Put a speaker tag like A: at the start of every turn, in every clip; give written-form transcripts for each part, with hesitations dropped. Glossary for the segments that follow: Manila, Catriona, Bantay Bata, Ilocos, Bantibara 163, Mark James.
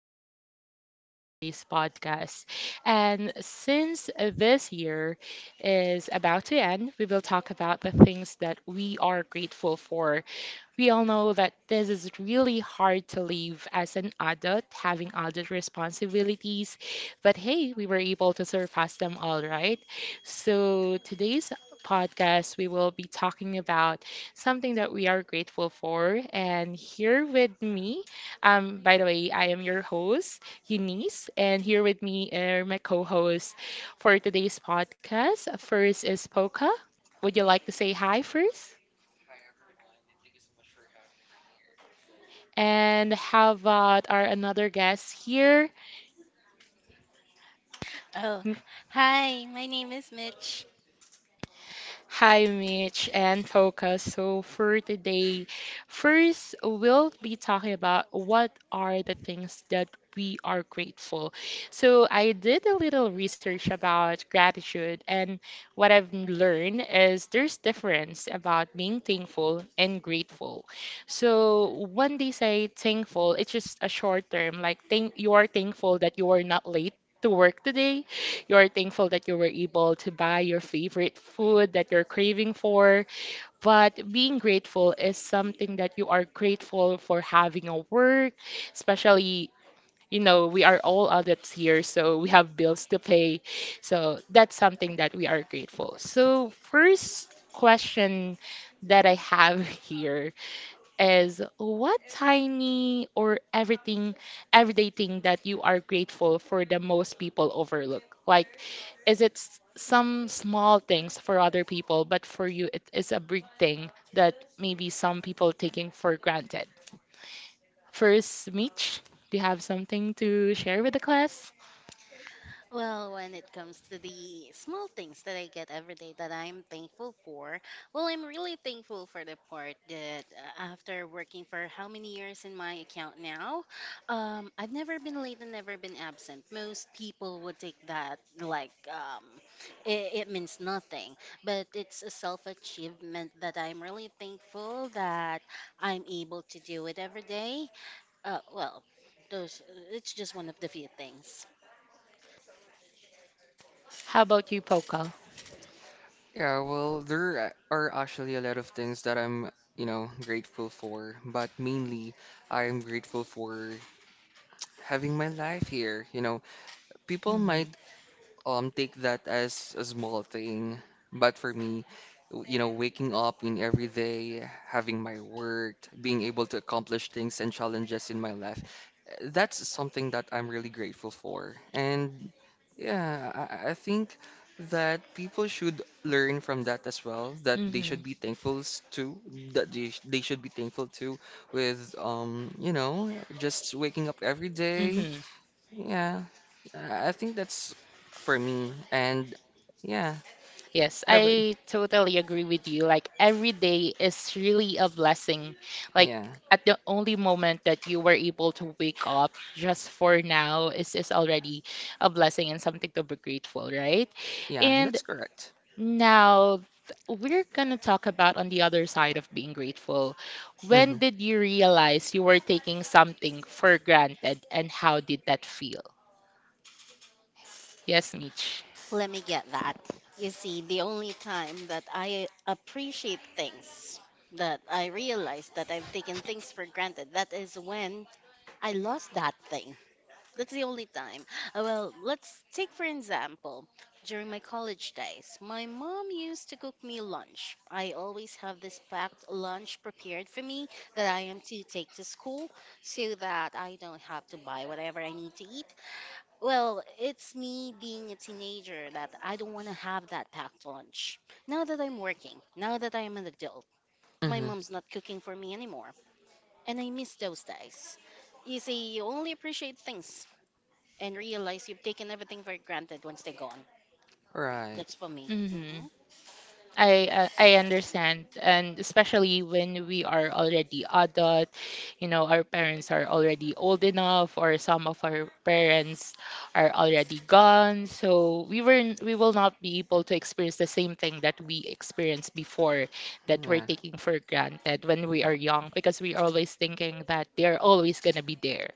A: are today with our today's podcast. And since this year is about to end, we will talk about the things that we are grateful for. We all know that this is really hard to leave as an adult, having adult responsibilities. But hey, we were able to surpass them all, right? So today's podcast, we will be talking about something that we are grateful for. And here with me, by the way, I am your host, Eunice, and here with me are my co-hosts for today's podcast. First is Poca. Would you like to say hi first? And how about our another guest here?
B: Oh, hi, my name is Mitch.
A: Hi, Mitch and Toka. So for today, first we'll be talking about what are the things that we are grateful. So I did a little research about gratitude, and what I've learned is there's difference about being thankful and grateful. So when they say thankful, it's just a short term, like thank you are thankful that you are not late to work today. You're thankful that you were able to buy your favorite food that you're craving for. But being grateful is something that you are grateful for having a work, especially, we are all adults here, so we have bills to pay. So that's something that we are grateful. So, first question that I have here is what tiny or everything everyday thing that you are grateful for the most people overlook? Like, is it some small things for other people, but for you it is a big thing that maybe some people taking for granted? First, Mitch, do you have something to share with the class?
B: Well, when it comes to the small things that I get every day that I'm thankful for, well, I'm really thankful for the part that after working for how many years in my account now, I've never been late and never been absent. Most people would take that like it means nothing, but it's a self achievement that I'm really thankful that I'm able to do it every day. Well, those It's just one of the few things.
A: How about you, Pokal?
C: Yeah, well, there are actually a lot of things that I'm, you know, grateful for, but mainly I'm grateful for having my life here. You know, people might take that as a small thing. But for me, you know, waking up in every day, having my work, being able to accomplish things and challenges in my life, that's something that I'm really grateful for. And yeah, I think that people should learn from that as well, that they
A: Mhm.
C: should be thankful to, that they should be thankful to with, you know, just waking up every
A: Mhm.
C: day yeah, I think that's for me. And yeah,
A: Yes,
C: what
A: I
C: about you?
A: totally agree with you. Like every day is really a blessing. Like
C: Yeah,
A: at the only moment that you were able to wake up just for now is already a blessing and something to be grateful, right?
C: yeah,
A: And
C: that's correct.
A: now, we're gonna talk about on the other side of being grateful. When
C: Mm-hmm.
A: did you realize you were taking something for granted and how did that feel? Yes, Mitch.
B: Let me get that. You see, the only time that I appreciate things, that I realize that I've taken things for granted, that is when I lost that thing. That's the only time. Let's take for example, during my college days, my mom used to cook me lunch. I always have this packed lunch prepared for me that I am to take to school so that I don't have to buy whatever I need to eat. Well, it's me being a teenager that I don't want to have that packed lunch. Now that I'm working, now that I am an adult, my
C: Mm-hmm.
B: mom's not cooking for me anymore, and I miss those days. You see, you only appreciate things and realize you've taken everything for granted once they're gone. That's
C: Right.
B: for me.
A: Mm-hmm. I understand, and especially when we are already adult, our parents are already old enough, or some of our parents are already gone. So we will not be able to experience the same thing that we experienced before that we're
C: Yeah.
A: taking for granted when we are young, because we are always thinking that they're always gonna be there.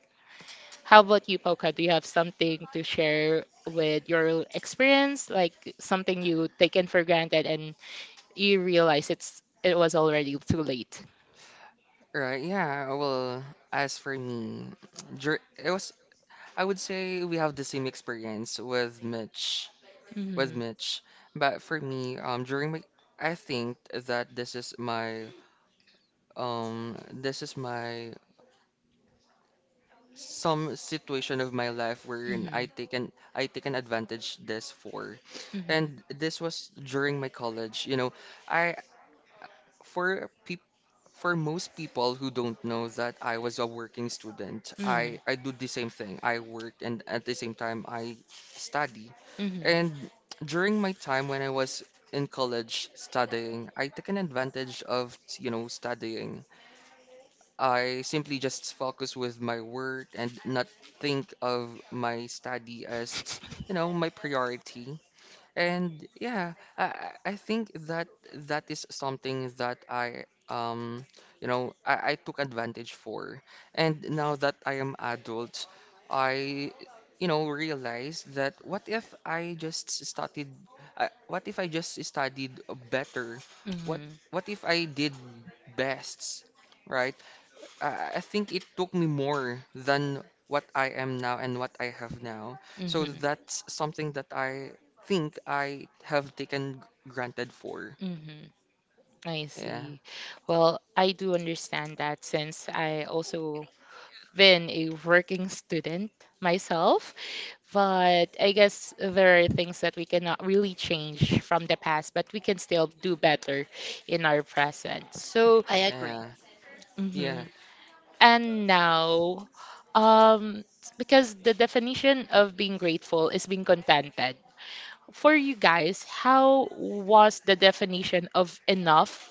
A: How about you, Poca? Do you have something to share with your experience, like something you taken for granted and you realize it was already too late.
C: Right. Yeah. Well, as for me, it was. I would say we have the same experience with Mitch.
A: Mhm.
C: With Mitch, but for me, during my, I think that this is my some situation of my life
A: Mhm. Mhm.
C: wherein
A: Mhm.
C: I taken advantage this for.
A: Mhm.
C: And this was during my college. You know, I for peop for most people who don't know that I was a working student, I do the same thing. I work and at the same time I study. And during my time when I was in college studying, I took an advantage of, you know, studying. I simply just focus with my work and not think of my study as, you know, my priority. And yeah, I think that that is something that I you know I took advantage for. And now that I am adult, I you know realize that what if I just studied I, what if I just studied better? What what if I did best? Right? I think it took me more than what I am now and what I have now.
A: Mhm.
C: So that's something that I think I have taken granted
A: Mhm.
C: for.
A: Mhm. I see.
C: Yeah.
A: Well, I do understand that since I also been a working student myself, but I guess there are things that we cannot really change from the past, but we can still do better in our present. So,
B: I agree.
C: Yeah.
A: mhm.
C: Yeah.
A: And now, um, because the definition of being grateful is being contented. For you guys, how was the definition of enough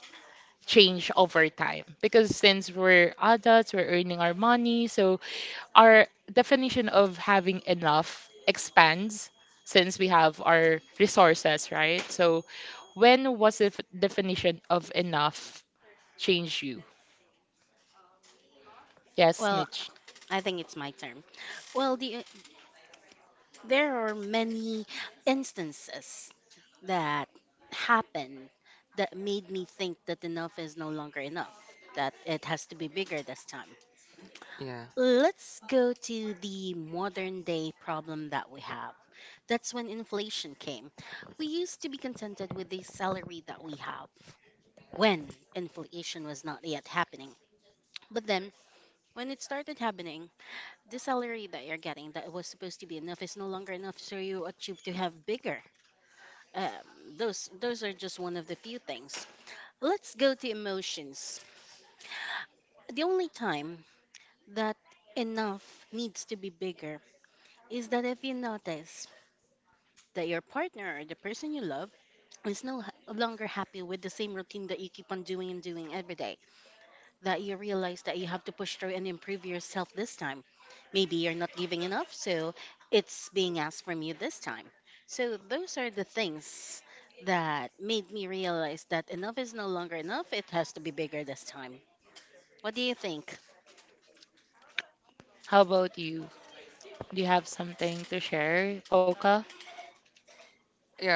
A: change over time because since we're adults, we're earning our money, so our definition of having enough expands since we have our resources, right? So, when was the definition of enough change you? Yes,
B: Well,
A: Mitch.
B: I think it's my turn. Well, the, there are many instances that happened that made me think that enough is no longer enough, that it has to be bigger this time.
C: Yeah.
B: Let's go to the modern day problem that we have. That's when inflation came. We used to be contented with the salary that we have when inflation was not yet happening. But then, when it started happening, the salary that you're getting that was supposed to be enough is no longer enough, so you achieve to have bigger. Um, those are just one of the few things. Let's go to emotions. The only time that enough needs to be bigger is that if you notice that your partner or the person you love is no longer happy with the same routine that you keep on doing and doing every day, that you realize that you have to push through and improve yourself this time. Maybe you're not giving enough, so it's being asked from you this time. So those are the things that made me realize that enough is no longer enough. It has to be bigger this time. What do you think?
A: How about you? Do you have something to share, Coca?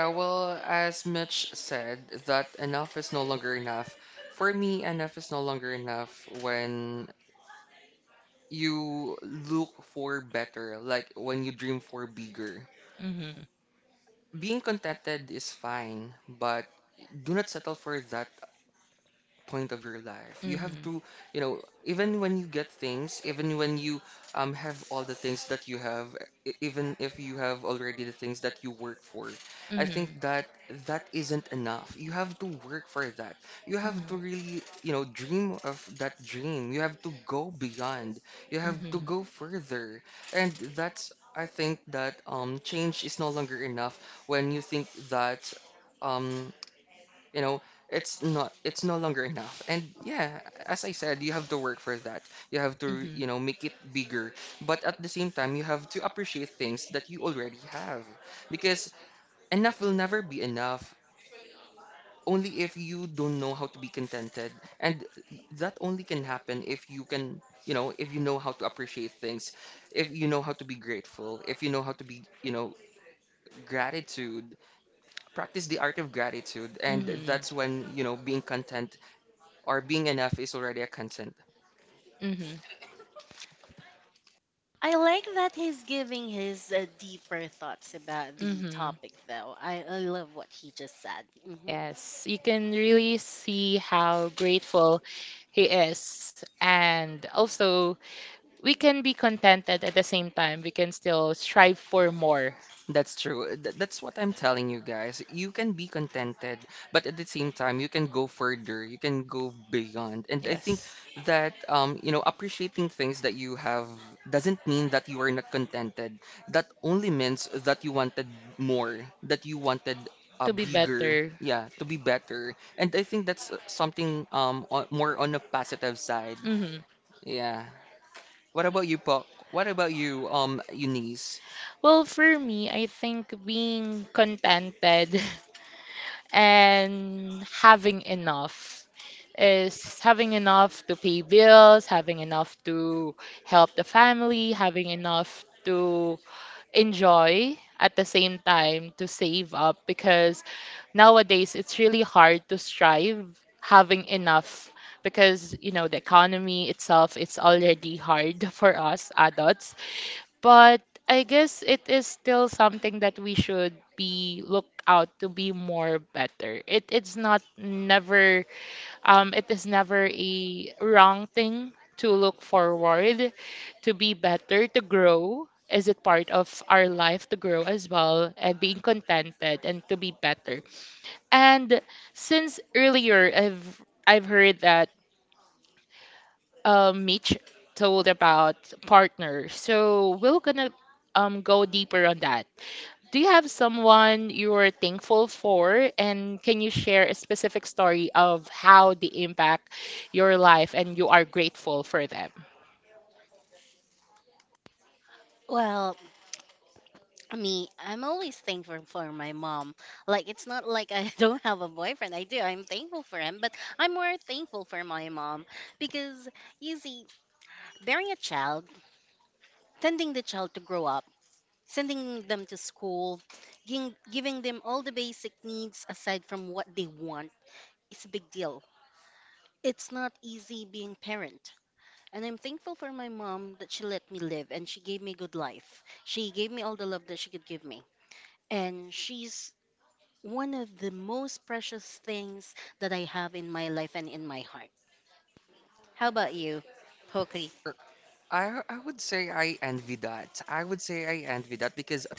C: Yeah, well, as Mitch said, that enough is no longer enough. For me, enough is no longer enough when you look for better, like when you dream for bigger.
A: Mm-hmm.
C: Being contented is fine, but do not settle for that point of your life. You
A: Mm-hmm.
C: have to, you know, even when you get things, even when you have all the things that you have, even if you have already the things that you work for, I
A: Mm-hmm.
C: think that that isn't enough. You have to work for that. You
A: Mm-hmm.
C: have to really, you know, dream of that dream. You have to go beyond. You have
A: Mm-hmm.
C: to go further. And that's I think that change is no longer enough when you think that um you know, it's no longer enough. And yeah, as I said, you have to work for that. You have
A: Mhm.
C: to, you know, make it bigger. But at the same time, you have to appreciate things that you already have because enough will never be enough. Only if you don't know how to be contented. And that only can happen if you can, you know, if you know how to appreciate things, if you know how to be grateful, if you know how to be, you know, gratitude, practice the art of gratitude. And
A: Mhm.
C: that's when, you know, being content or being enough is already a consent.
A: Mhm.
B: I like that he's giving his deeper thoughts about the
A: Mhm.
B: topic, though. I love what he just said.
A: Yes, you can really see how grateful he is. And also, we can be contented at the same time. We can still strive for more.
C: That's true. That's what I'm telling you guys. You can be contented, but at the same time, you can go further. You can go beyond. And I think
A: Yes.
C: that you know, appreciating things that you have doesn't mean that you are not contented. That only means that you wanted more, that you wanted
A: To
C: a
A: be
C: bigger,
A: better.
C: yeah, to be better. And I think that's something more on the positive side.
A: Hmm.
C: Yeah. What about you, Paul? What about you, Eunice?
A: Well, for me, I think being contented and having enough is having enough to pay bills, having enough to help the family, having enough to enjoy at the same time to save up because nowadays it's really hard to strive having enough because you know the economy itself it's already hard for us adults, but I guess it is still something that we should be look out to be more better. It's not never it is never a wrong thing to look forward, to be better, to grow. Is it part of our life to grow as well and being contented and to be better? And since earlier I've heard that Mitch told about partner. So we're gonna go deeper on that. Do you have someone you're thankful for? And can you share a specific story of how they impact your life and you are grateful for them?
B: Well, I mean, I'm always thankful for my mom. Like, it's not like I don't have a boyfriend. I do. I'm thankful for him, but I'm more thankful for my mom because, you see, bearing a child, tending the child to grow up, sending them to school, giving them all the basic needs aside from what they want is a big deal. It's not easy being parent. And I'm thankful for my mom that she let me live and she gave me a good life. She gave me all the love that she could give me. And she's one of the most precious things that I have in my life and in my heart. How about you, Pokey?
C: I would say I envy that. I would say I envy that because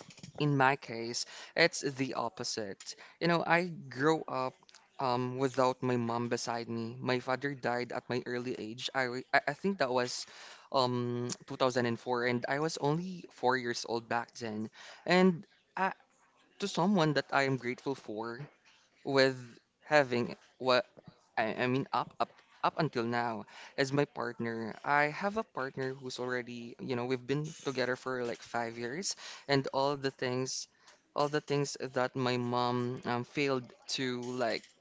C: in my case, it's the opposite. You know, I grew up without my mom beside me. My father died at my early age. I wa- I think that was 2004 and I was only 4 years old back then. And I, to someone that I am grateful for with having wa I mean up until now as my partner I have a partner who's already you know we've been together for like 5 years and all the things that my mom failed to like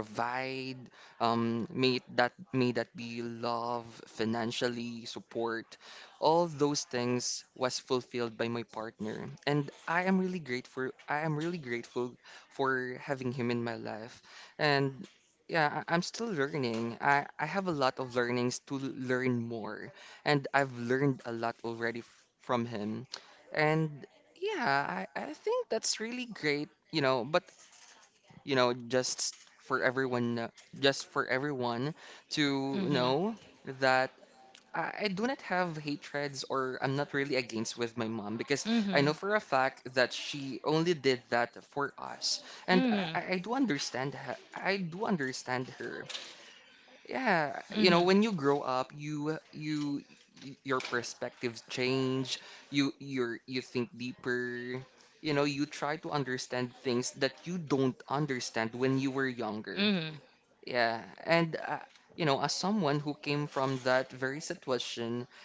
C: provide, may that be love, financially, support, all those things was fulfilled by my partner. And I am really grateful. I am really grateful for having him in my life. And yeah, I'm still learning. I have a lot of learnings to learn more. And I've learned a lot already f from him. And yeah, I think that's really great, you know, but you know, for everyone, uh, just for everyone to
A: Mm-hmm.
C: know that I do not have hatreds or I'm not really against with my mom because
A: Mm-hmm.
C: I know for a fact that she only did that for us,
A: Mm-hmm.
C: and I,
A: Mm-hmm.
C: I I do understand her. I do understand her. Yeah,
A: Mm-hmm.
C: you know, when you grow up, you your perspectives change. You think deeper. You know, you try to understand things that you don't understand when you were younger.
A: Mm-hmm.
C: Yeah, and you know, as someone who came from that very situation,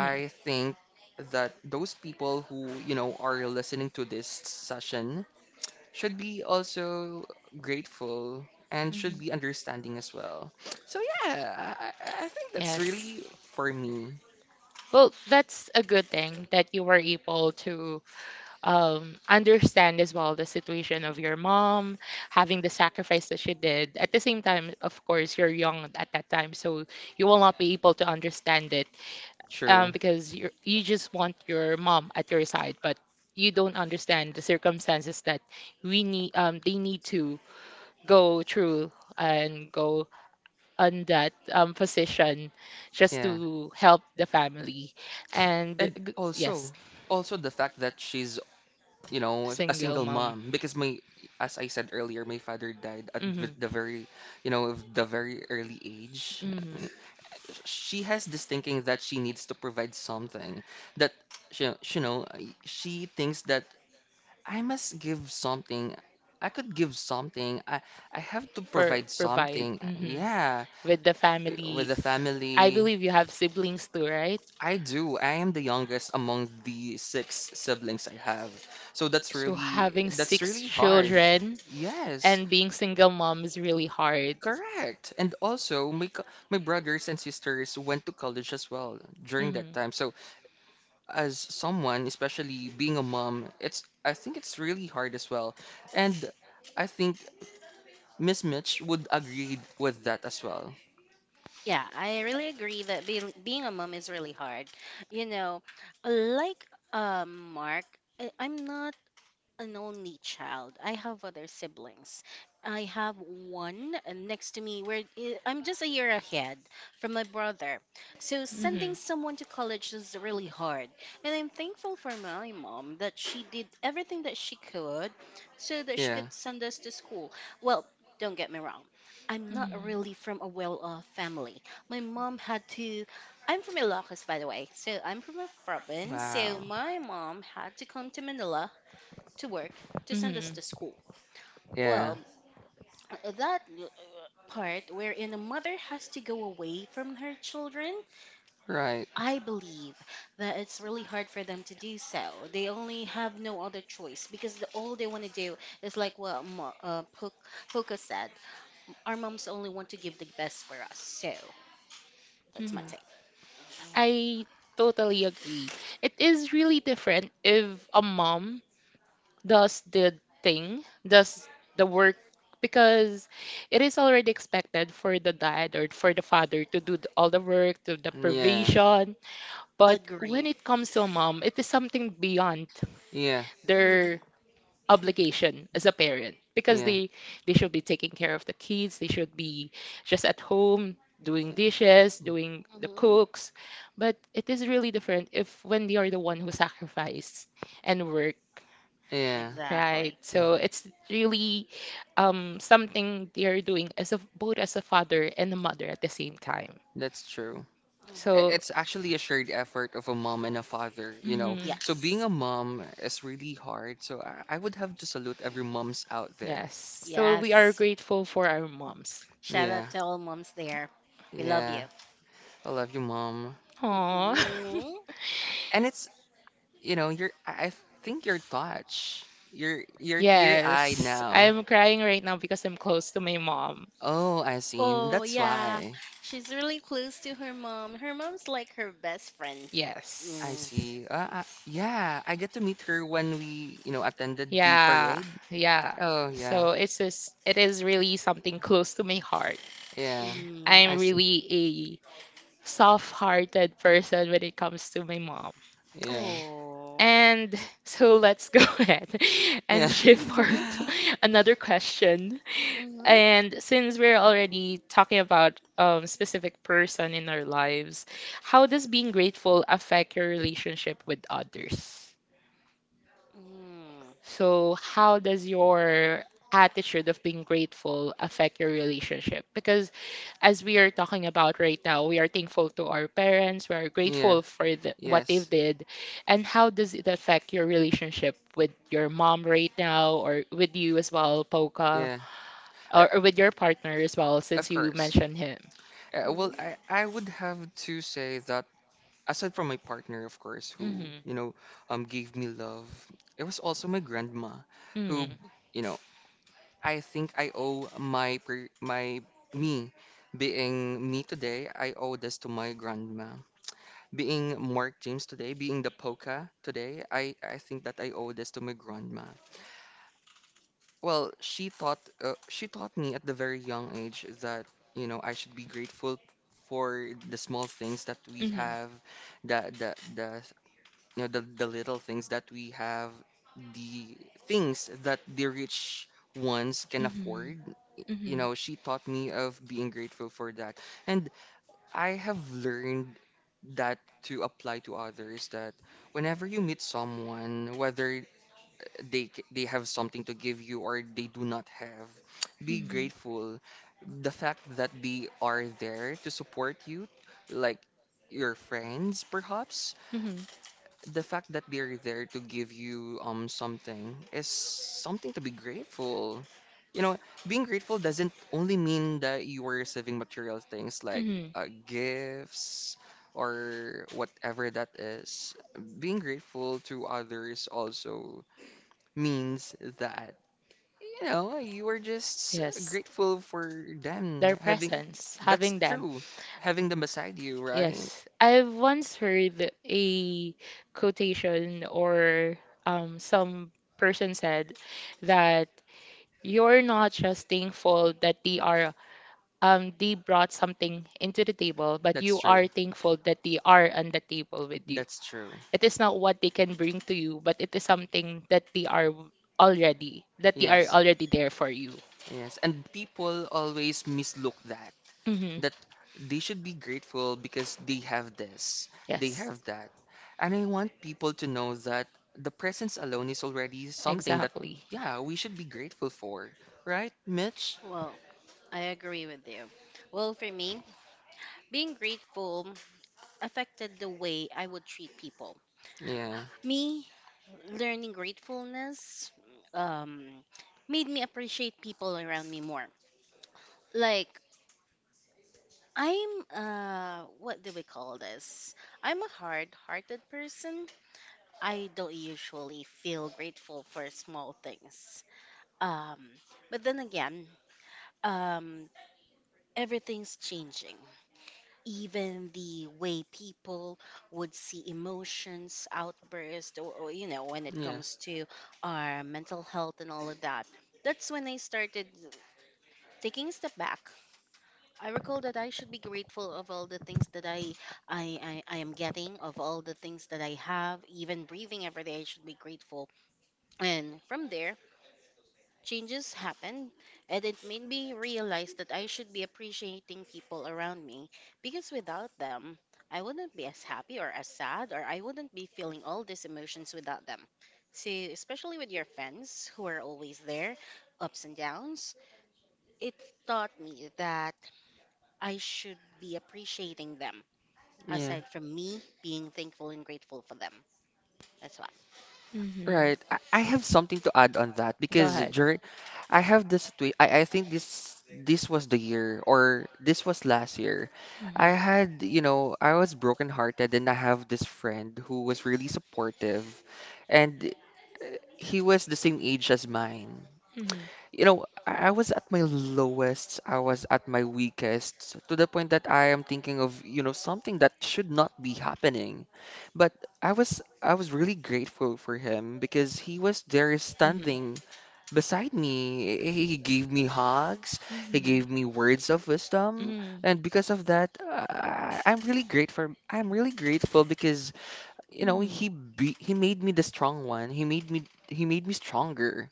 C: I think that those people who, you know, are listening to this session should be also grateful and
A: Mhm.
C: should be understanding as well. So yeah, I think that's
A: Yes.
C: really for me
A: Well, that's a good thing that you were able to understand as well the situation of your mom, having the sacrifice that she did. At the same time, of course, you're young at that time, so you will not be able to understand it,
C: true.
A: because you just want your mom at your side, but you don't understand the circumstances that we need they need to go through and go on that, position just
C: Yeah.
A: to help the family and
C: And
A: yes.
C: also also the fact that she's, you know, a
A: Single
C: single
A: mom.
C: mom because my as I said earlier, my father died at
A: Hmm.
C: the very, you know, of the very early age.
A: Hmm.
C: Uh, She has this thinking that she needs to provide something that she, you know, she thinks that I must give something. I could give something. I have to
A: For
C: provide
A: provide,
C: something.
A: mhm,
C: Yeah,
A: with the family.
C: with the
A: I
C: family.
A: believe you have siblings too, right?
C: I do. I am the youngest among the six siblings I have. So
A: So having
C: that's
A: six
C: really hard.
A: children
C: Yes,
A: and being single mom is really hard.
C: correct. And also my my brothers and sisters went to college as well during
A: Mhm,
C: that time. So as someone, especially being a mom, it's I think it's really hard as well. And I think Miss Mitch would agree with that as well.
B: Yeah, I really agree that being a mom is really hard. You know, like Mark, I'm not an only child. I have other siblings. I have one next to me where I'm just a year ahead from my brother. So sending
A: mhm,
B: someone to college is really hard. And I'm thankful for my mom that she did everything that she could so that she could
C: Yeah.
B: send us to school. Well, don't get me wrong. I'm not really
A: mhm,
B: from a well-off family. My mom had to I'm from Ilocos, by the way. So I'm from a province. So
C: Wow.
B: my mom had to come to Manila to work to send us to
A: mhm,
B: school. Well,
C: Yeah.
B: that part wherein a mother has to go away from her children,
C: Right.
B: I believe that it's really hard for them to do so. They only have no other choice because the, all they want to do is like what Poca said, our moms only want to give the best for us. So that's my
A: mhm.
B: take.
A: I totally agree. It is really different if a mom does the thing, does the work, because it is already expected for the dad or for the father to do all the work, to the
C: Yeah.
A: provision. But
B: Agree.
A: when it comes to a mom, it is something beyond
C: Yeah.
B: hmm
A: their obligation as a parent because
C: Yeah.
A: they should be taking care of the kids, they should be just at home doing dishes, doing the
B: hmm
A: cooks. But it is really different if when they are the one who sacrifice and work.
C: Yeah.
B: Exactly.
A: Right.
C: Yeah.
A: So it's really, something they're doing as a both as a father and a mother at the same time.
C: That's true.
B: hmm
A: So
C: It's actually a shared effort of a mom and a father, you know.
A: mhm.
C: So
B: Yes.
C: being a mom is really hard. So I would have to salute every moms out
A: Yes.
C: there.
A: So we are
B: Yes.
A: grateful for our moms.
B: Shout out to
C: Yeah,
B: all moms there. We love you.
C: yeah. I love you, mom.
A: Aw.
B: Mhm.
C: And it's you know, you're I think you're touched. You're teary-eyed
A: Yes.
C: now.
A: I'm crying right now because I'm close to my mom.
C: Oh, I see.
B: Oh,
C: That's
B: yeah.
C: why.
B: She's really close to her mom. Her mom's like her best friend.
C: I
B: Mm.
A: Yes.
C: see. Yeah, I get to meet her when we, you know, attended the
A: Yeah,
C: parade.
A: yeah.
C: Oh, yeah.
A: So it's just, it is really something close to my heart.
C: Yeah.
B: Mm.
A: I'm
C: I see.
A: really a soft-hearted person when it comes to my mom.
C: Yeah.
B: Oh.
A: And so let's go ahead and
C: Yeah.
A: shift for
B: Mm-hmm.
A: another question.
B: Mm-hmm.
A: And since we're already talking about specific person in our lives, how does being grateful affect your relationship with others?
B: Mm.
A: So, how does your attitude of being grateful affect your relationship? Because as we are talking about right now, we are thankful to our parents, we are
C: Yeah.
A: grateful for what they've
C: Yes.
A: did. And how does it affect your relationship with your mom right now or with you as well, Poca,
C: Yeah. Uh,
A: or with your partner as well, since
C: of
A: you
C: course.
A: mentioned him?
B: Mm-hmm.
C: Well, I would have to say that aside from my partner, of course, who,
A: Mm-hmm.
C: you know, gave me love, it was also my grandma who,
A: Mm-hmm.
C: you know, I think I owe my pre my me being me today, I owe this to my grandma. Being Mark James today, being the polka today, I think that I owe this to my grandma. Well, she taught me at the very young age that, you know, I should be grateful for the small things that we
A: Mm-hmm.
C: have, the you know, the little things that we have, the things that the rich ones can afford. You know, she taught me of being grateful for that. And I have learned that to apply to others that whenever you meet someone, whether they have something to give you or they do not have, be grateful. The fact that they are there to support you, like your friends perhaps
A: Mm-hmm.
C: the fact that they're there to give you something is something to be grateful. You know, being grateful doesn't only mean that you are receiving material things like gifts or whatever that is. Being grateful to others also means that, you know, you are just
A: Yes.
C: grateful for them
A: Their
C: having,
A: presence,
C: that's
A: having them.
C: true, having them beside you, right?
A: Yes. I've once heard a quotation or, some person said that you're not just thankful that they are, they brought something into the table, but you
C: That's true.
A: are thankful that they are on the table with you.
C: That's true.
A: It is not what they can bring to you, but it is something that they are already, that they are
C: Yes,
A: already there for you.
C: yes. And people always mislook that,
A: Hmm.
C: that they should be grateful because they have this, they
A: Yes.
C: have that. And I want people to know that the presence alone is already something that,
A: Exactly.
C: yeah, we should be grateful for. Right, Mitch?
B: Well, I agree with you. Well, for me, being grateful affected the way I would treat people.
C: Yeah,
B: Me learning gratefulness um, made me appreciate people around me more. Like, I'm what do we call this? I'm a hard-hearted person. I don't usually feel grateful for small things. Um but then again, um everything's changing. Even the way people would see emotions, outbursts, or you know, when it
C: yeah,
B: comes to our mental health and all of that. That's when I started taking a step back. I recall that I should be grateful of all the things that I am getting, of all the things that I have, even breathing every day, I should be grateful. And from there, changes happened, and it made me realize that I should be appreciating people around me because without them, I wouldn't be as happy or as sad, or I wouldn't be feeling all these emotions without them. So, especially with your friends who are always there, ups and downs, it taught me that. I should be appreciating them
C: yeah.
B: aside from me being thankful and grateful for them. That's why.
A: Mhm.
C: Right. I have something to add on that
A: Go
C: because
A: ahead.
C: during I have this tweet. I think this was the year or this was last year. I
A: Mhm.
C: had, you know, I was brokenhearted and I have this friend who was really supportive and he was the same age as mine.
A: Mhm.
C: You know, I was at my lowest, I was at my weakest, to the point that I am thinking of, you know, something that should not be happening. But I was really grateful for him because he was there
A: Hmm.
C: standing beside me. He gave me hugs, he
A: Mhm.
C: gave me words of wisdom,
A: Hmm.
C: and because of that, I'm really grateful. I'm really grateful because, you know,
A: Hmm.
C: he made me the strong one. He made me stronger.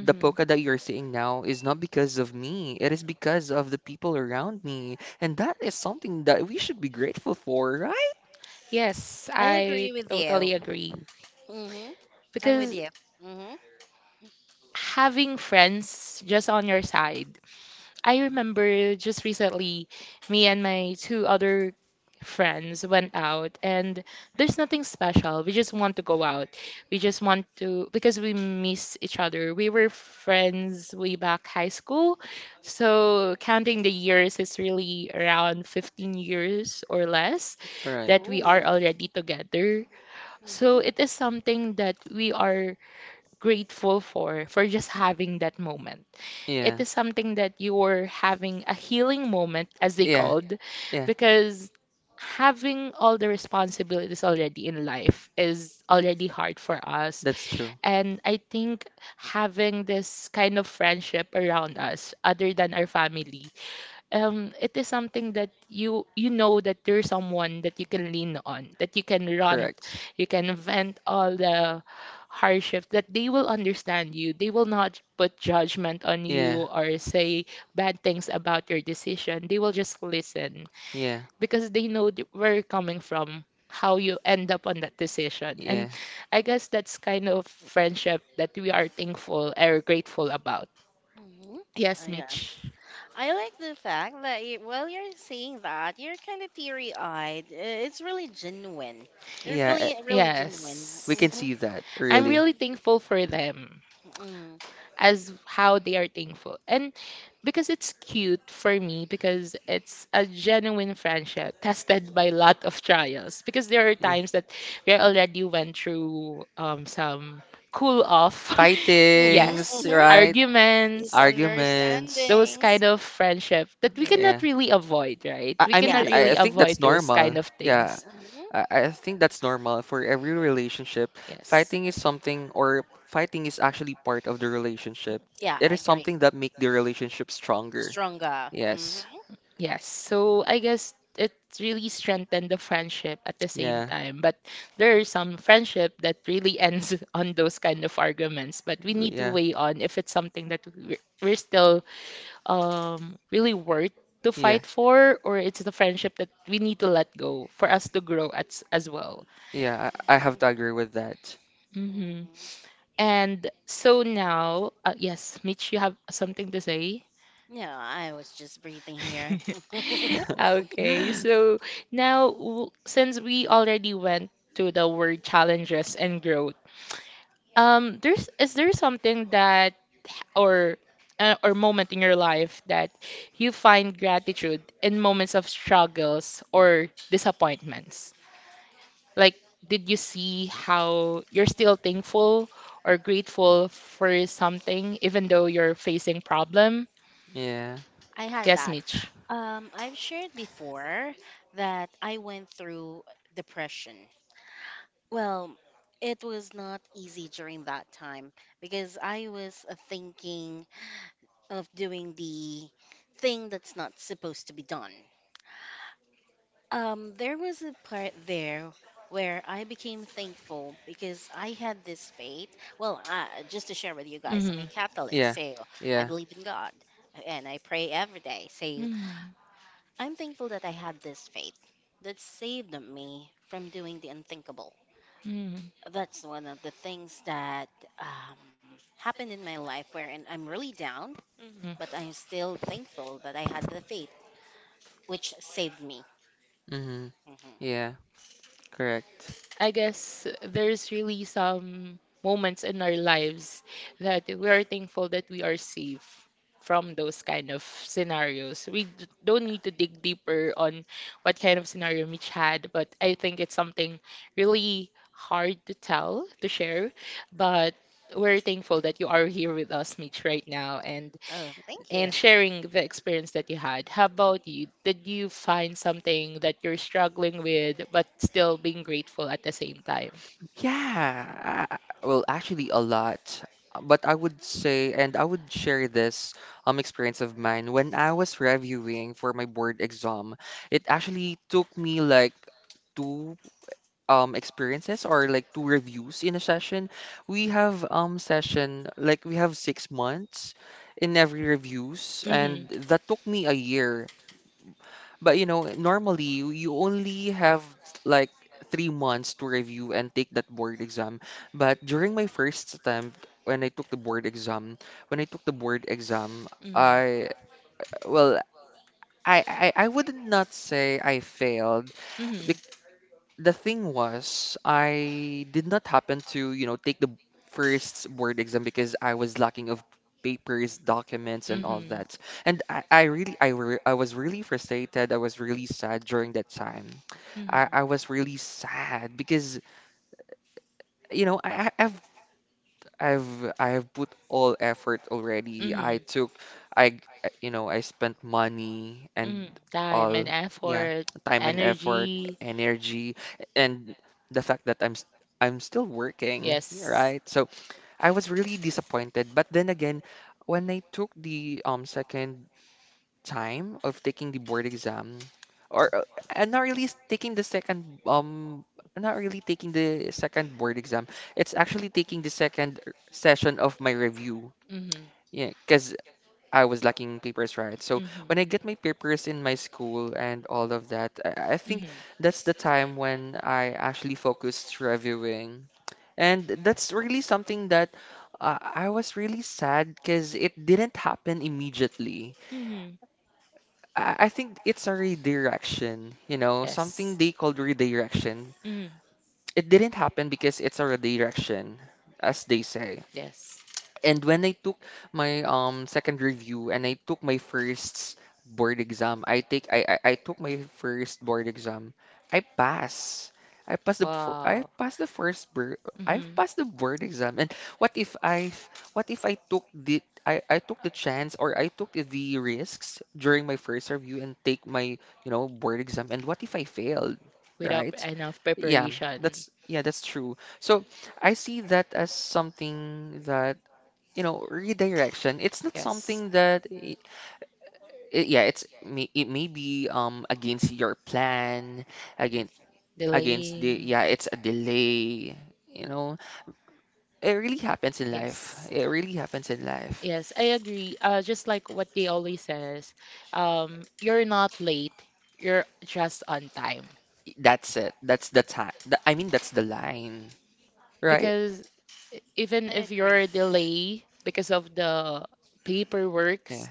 C: The polka that you're seeing now is not because of me. It is because of the people around me. And that is something that we should be grateful for, right?
A: Yes,
B: I agree
A: I
B: with you.
A: totally agree.
B: Mm-hmm. I'm with
A: Because
B: you. Mm-hmm.
A: having friends just on your side, I remember just recently, me and my two other friends went out, and there's nothing special. We just want to go out. We just want to, because we miss each other. We were friends way back high school, so counting the years is really around 15 years or less
C: All right.
A: that we
B: Oh.
A: are already together. So
B: Mhm.
A: it is something that we are grateful for just having that moment.
C: Yeah.
A: It is something that you were having a healing moment, as they
C: Yeah.
A: called,
C: Yeah.
A: because having all the responsibilities already in life is already hard for us.
C: That's true.
A: And I think having this kind of friendship around us, other than our family, it is something that you know that there's someone that you can lean on, that you can rant,
C: Correct.
A: you can vent all the hardships, that they will understand you. They will not put judgment on you
C: Yeah.
A: or say bad things about your decision. They will just listen
C: Yeah.
A: because they know where you're coming from, how you end up on that decision. And
C: Yeah.
A: I guess that's kind of friendship that we are thankful or grateful about.
B: Mhm.
A: Yes,
B: Yeah.
A: Mitch.
B: I like the fact that you, while you're saying that, you're kind of teary-eyed. It's really genuine. You're
C: Yeah. eh,
B: feeling it really genuine.
C: We
A: Yes.
C: can see
B: Mhm.
C: that,
A: I'm
C: really.
A: really thankful for them
B: Mhm.
A: as how they are thankful. And because it's cute for me because it's a genuine friendship tested by a lot of trials because there are
C: Yeah.
A: times that we already went through, some cool off.
B: Mhm.
C: Fightings,
A: Yes,
B: Mhm.
C: right?
A: arguments,
C: Arguments.
A: those kind
B: Misunderstandings.
A: of friendship that we cannot
C: Yeah.
A: really avoid, right?
C: I,
A: We
C: I
A: cannot
C: mean, I,
A: really
C: I
B: Yes.
C: think that's
A: avoid those kind
C: normal.
A: of
C: Yeah.
A: things.
B: Mhm.
C: I think that's normal for every relationship.
A: Yes.
C: Fighting is something, or fighting is actually part of the relationship.
B: Yeah,
C: It
B: I
C: is
B: agree.
C: something that make the relationship stronger.
B: Stronger.
C: Yes.
B: Mhm.
A: Yes, so I guess it really strengthened the friendship at the same
C: Yeah.
A: time. But there are some friendship that really ends on those kind of arguments. But we need to
C: Yeah.
A: weigh on if it's something that we're still really worth to
C: Yeah.
A: fight for, or it's the friendship that we need to let go for us to grow as well.
C: Yeah. I have
B: Mhm,
C: to agree with that.
A: Hmm.
B: mhm.
A: And so now, yes, Mitch, you have something to say?
B: Yeah, I was just breathing here.
A: Okay, so now since we already went to the word challenges and growth, there's is there something that or or moment in your life that you find gratitude in moments of struggles or disappointments? Like, did you see how you're still thankful or grateful for something even though you're facing problem?
C: Yeah.
B: I had
A: Yes,
B: that.
A: Mitch.
B: I've shared before that I went through depression. Well, it was not easy during that time because I was thinking of doing the thing that's not supposed to be done. There was a part there where I became thankful because I had this faith. Well, just to share with you guys, I'm
A: Mm-hmm.
B: a Catholic,
C: Yeah.
B: so I
C: Yeah.
B: believe in God and I pray every day. Say,
A: Mm-hmm.
B: I'm thankful that I had this faith that saved me from doing the unthinkable.
A: Mm-hmm.
B: That's one of the things that um, happened in my life wherein I'm really down,
A: Mm.
B: but I'm still thankful that I had the faith which saved me.
C: Mm-hmm.
B: hmm
C: Yeah. Correct.
A: I guess there's really some moments in our lives that we are thankful that we are safe from those kind of scenarios. We don't need to dig deeper on what kind of scenario Mitch had, but I think it's something really hard to tell, to share. But we're thankful that you are here with us, Mitch, right now. And
B: Oh, thank
A: and
B: you.
A: sharing the experience that you had. How about you? Did you find something that you're struggling with but still being grateful at the same time?
C: Yeah, well, actually, a lot. But I would say, and I would share this experience of mine when I was reviewing for my board exam. It actually took me like two experiences or like two reviews in a session. We have session like we have 6 months in every reviews,
A: Mm-hmm.
C: and that took me a year, but you know, normally you only have like 3 months to review and take that board exam. But during my first attempt, when I took the board exam, when I took the board exam, I, well, I would not say I failed. The thing was, I did not happen to, you know, take the first board exam because I was lacking of papers, documents, and
A: Mm-hmm.
C: all
A: Mm-hmm.
C: that. And I was really frustrated. I was really sad during that time. I was
A: Mm-hmm.
C: really sad because, you know, I have put all effort already.
A: Mm-hmm.
C: I
A: Mm-hmm.
C: took you know, I spent money and
A: Mm, time and
C: all. Yeah,
A: effort,
C: time and effort,
A: energy.
C: energy, and the fact that I'm still working, yeah,
A: Yes.
C: right? So I was really disappointed, but then again, when I took the second time of taking the board exam, or and not really taking the second not really taking the second board exam, it's actually taking the second session of my review.
A: Mm-hmm.
C: Yeah, because I was lacking papers, right? So
A: Mm-hmm.
C: when I get my papers in my school and all of that, I think
A: Mm-hmm.
C: that's the time when I actually focused reviewing, and that's really something that, I was really sad because it didn't happen immediately.
A: Mm-hmm.
C: I think it's a redirection, you know, something
A: Yes.
C: they called redirection.
A: Mm-hmm.
C: It didn't happen because it's a redirection, as they say.
A: Yes.
C: And when I took my second review and I took my first board exam, I take I took my first board exam. I pass. I passed the fir- I
A: Wow.
C: passed the first board I
A: Mm-hmm.
C: passed the board exam. And what if I I took the chance or I took the risks during my first review and take my, you know, board exam, and what if I failed,
A: Without
C: right?
A: enough
C: Yeah,
A: preparation.
C: that's true. So I see that as something that, you know, redirection, it's not
A: Yes.
C: something that yeah, it may be against your plan, against against the
A: Delaying.
C: yeah, it's a delay, you know. It really happens in life.
A: Yes.
C: It really happens in life.
A: Yes, I agree. Just like what they always says, you're not late, you're just on time.
C: That's the time, I mean, that's the line, right?
A: Because even
B: I
A: if
B: agree.
A: you're delay because of the
C: Yeah,
A: paperworks,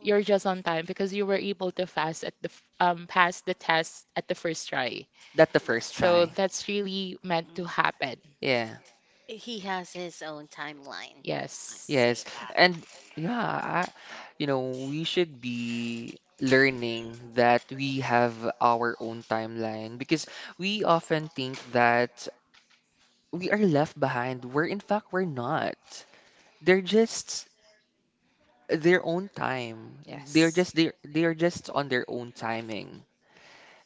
B: Mm,
A: you're just on time because you were able to fast at the f- pass the test at the first try.
C: that's the first
B: yes.
A: So
C: try.
A: that's really meant to
B: Mm.
A: happen.
C: Yeah.
B: He has his own timeline.
A: Yes.
B: I'd
C: Yes,
B: say that.
C: and yeah, I, you know, we should be learning that we have our own timeline, because we often think that we are left behind, where in fact we're not. They're just their own time.
A: Yes.
C: They're just on their own timing.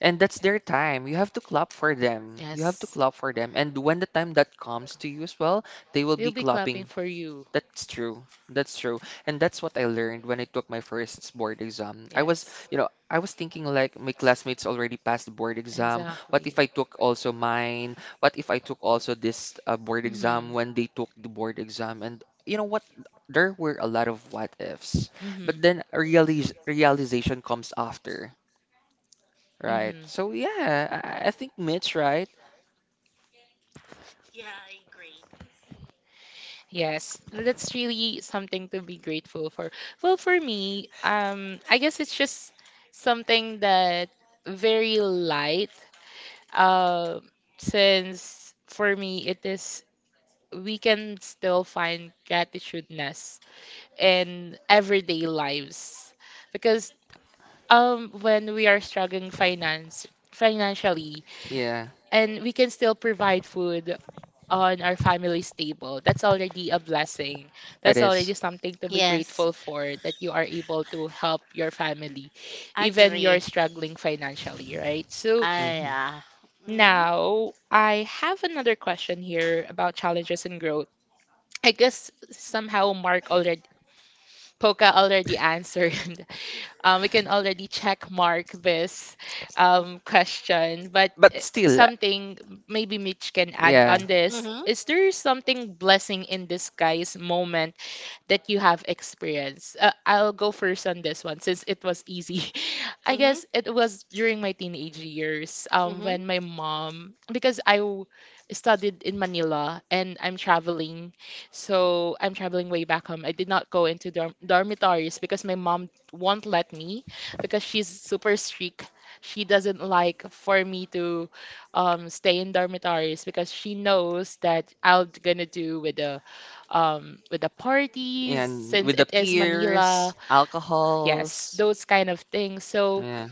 C: And
B: Mm.
C: that's their time. You have to clap for them. You have to
A: Yes.
C: clap for them. And when the time that comes to you as well, they will
A: They'll
C: be
A: be clapping
C: clapping.
A: for you.
C: That's true. That's true. And that's what I learned when I took my first board exam. I was,
A: Yes,
C: you know, I was thinking like my classmates already passed the board exam. What
A: exactly.
C: if I took also mine? What if I took also this board exam
A: Mhm.
C: when they took the board exam? And you know what? There were a lot of what ifs. But
A: Mhm.
C: then a realiz realization comes after, right?
A: Mhm.
C: So yeah, I think Mitch, right?
A: Yes, that's really something to be grateful for. Well, for me, I guess it's just something that very light. Uh, since for me it is we can still find gratitudeness in everyday lives because when we are struggling finance financially
C: Yeah,
A: and we can still provide food on our family's table. That's already a blessing. That's already
C: it.
A: something to be
B: Yes,
A: grateful for, that you are able to help your family even you're
B: agree.
A: struggling financially, right? So
C: Mm-hmm.
B: Yeah. Mhm.
A: now I have another question here about challenges and growth. I guess somehow Mark already Poca already answered. We can already check mark this question, but
C: But still,
A: something maybe Mitch can add
C: yeah.
A: on this.
B: Mhm.
A: Is there something blessing in disguise moment that you have experienced? I'll go first on this one since it was easy. I
B: Mhm.
A: guess it was during my teenage years,
B: Mhm.
A: when my mom, because I studied in Manila and I'm traveling, so I'm traveling way back home. I did not go into dormitories because my mom won't let me because she's super strict. She doesn't like for me to stay in dormitories because she knows that I'm gonna do with the parties,
C: And
A: since
C: with the
A: it is
C: peers,
A: Manila. Yes,
C: alcohols.
A: those kind of things. So
C: Yeah,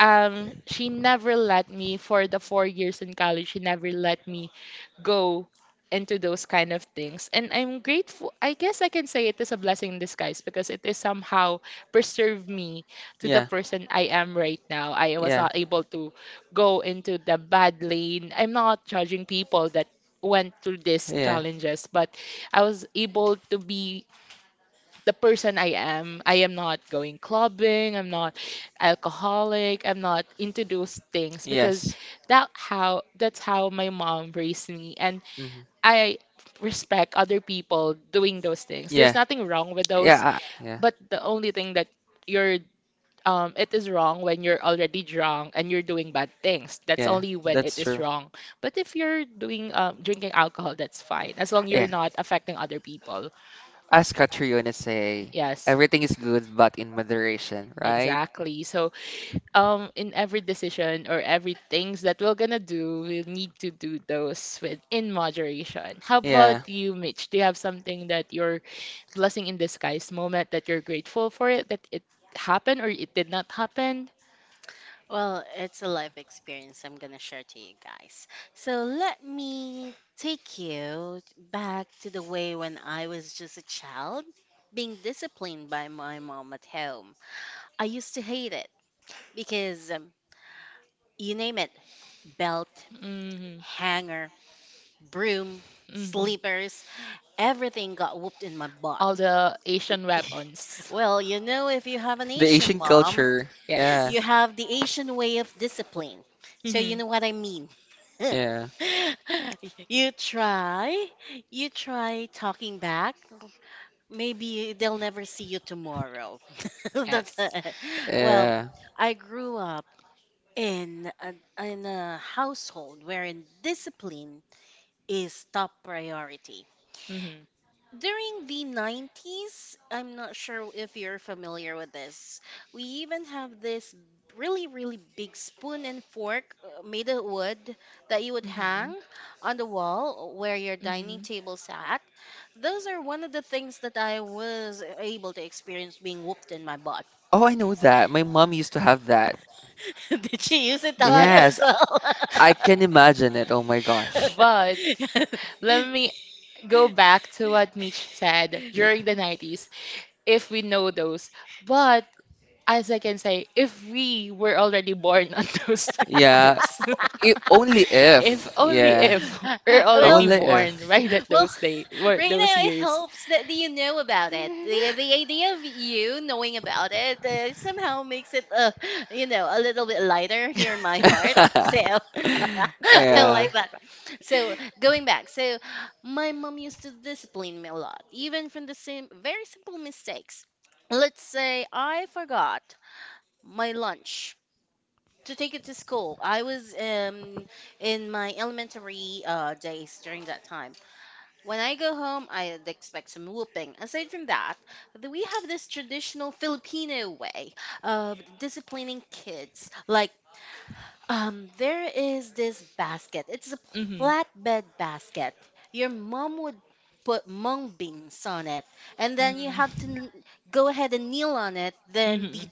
A: she never let me for the 4 years in college. She never let me go into those kind of things, and I'm grateful. I guess I can say it is a blessing in disguise because it is somehow preserved me to the
C: yeah,
A: person I am right now. I was
C: yeah,
A: not able to go into the bad lane. I'm not judging people that went through these
C: yeah,
A: challenges, but I was able to be the person I am. I am not going clubbing, I'm not alcoholic, I'm not into those things because
C: yes.
A: that's how my mom raised me. And
C: Hmm.
A: I respect other people doing those things. There's
C: Yeah,
A: nothing wrong with those,
C: yeah, yeah,
A: but the only thing that you're it is wrong when you're already drunk and you're doing bad things. That's
C: yeah,
A: only when it
C: that's
A: is
C: true.
A: wrong. But if you're doing drinking alcohol, that's fine as long you're
C: Yeah,
A: not affecting other people.
C: as Catriona say,
A: Yes.
C: everything is good but in moderation, right?
A: Exactly. So, in every decision or every things that we're gonna do, we need to do those with in moderation. How
C: Yeah,
A: about you, Mitch? Do you have something that your blessing in disguise moment that you're grateful for it that it happened or it did not happen?
B: Well, it's a life experience I'm gonna share to you guys. So let me take you back to the way when I was just a child, being disciplined by my mom at home. I used to hate it because you name it, belt,
A: Hmm.
B: hanger, broom,
A: Hmm.
B: slippers. Everything got whooped in my
A: All
B: butt.
A: the Asian weapons.
B: Well, you know, if you have an
C: the
B: Asian
C: Asian
B: mom,
C: culture. Yeah,
B: you
A: Yes.
B: have the Asian way of discipline. So you
A: Hmm.
B: know what I mean.
C: yeah,
B: You try, you try talking back. Maybe they'll never see you tomorrow.
A: Yes.
B: That- well,
C: yeah.
B: I grew up in a, in a household wherein discipline is top priority.
A: Hmm.
B: During the 90s, I'm not sure if you're familiar with this. We even have this really, really big spoon and fork made of wood that you would
A: Hmm.
B: hang on the wall where your dining table sat. Those are one of the things that I was able to experience being whooped in my butt.
C: Oh, I know that. My mom used to have that.
B: Did she use it on
A: But
B: you
C: Yes,
B: as well?
C: I can imagine it. Oh my gosh.
A: but let me go back to what Mitch said
C: Y-
A: during the 90s, if we know those. But as I can say, if we were already born on those
C: Yeah,
A: years,
C: only
A: if
C: if,
A: only
C: yeah,
A: if we're
B: well,
A: already
C: only
B: well,
C: if.
A: born right at
B: well,
A: those day, were
B: Right
A: those
B: now, it
A: years.
B: helps that you know about it. The idea of you knowing about it somehow makes it, you know, a little bit lighter here in my heart. So I
C: Yeah.
B: like that. So going back, so my mom used to discipline me a lot, even from the same very simple mistakes. Let's say I forgot my lunch to take it to school. I was in my elementary days during that time. When I go home, I'd expect some whooping. Aside from that, we have this traditional Filipino way of disciplining kids. Like, there is this basket. It's a
A: Hmm.
B: flatbed basket. Your mom would put mung beans on it, and then you
A: Mm.
B: have to go ahead and kneel on it. Then the
A: Mhm.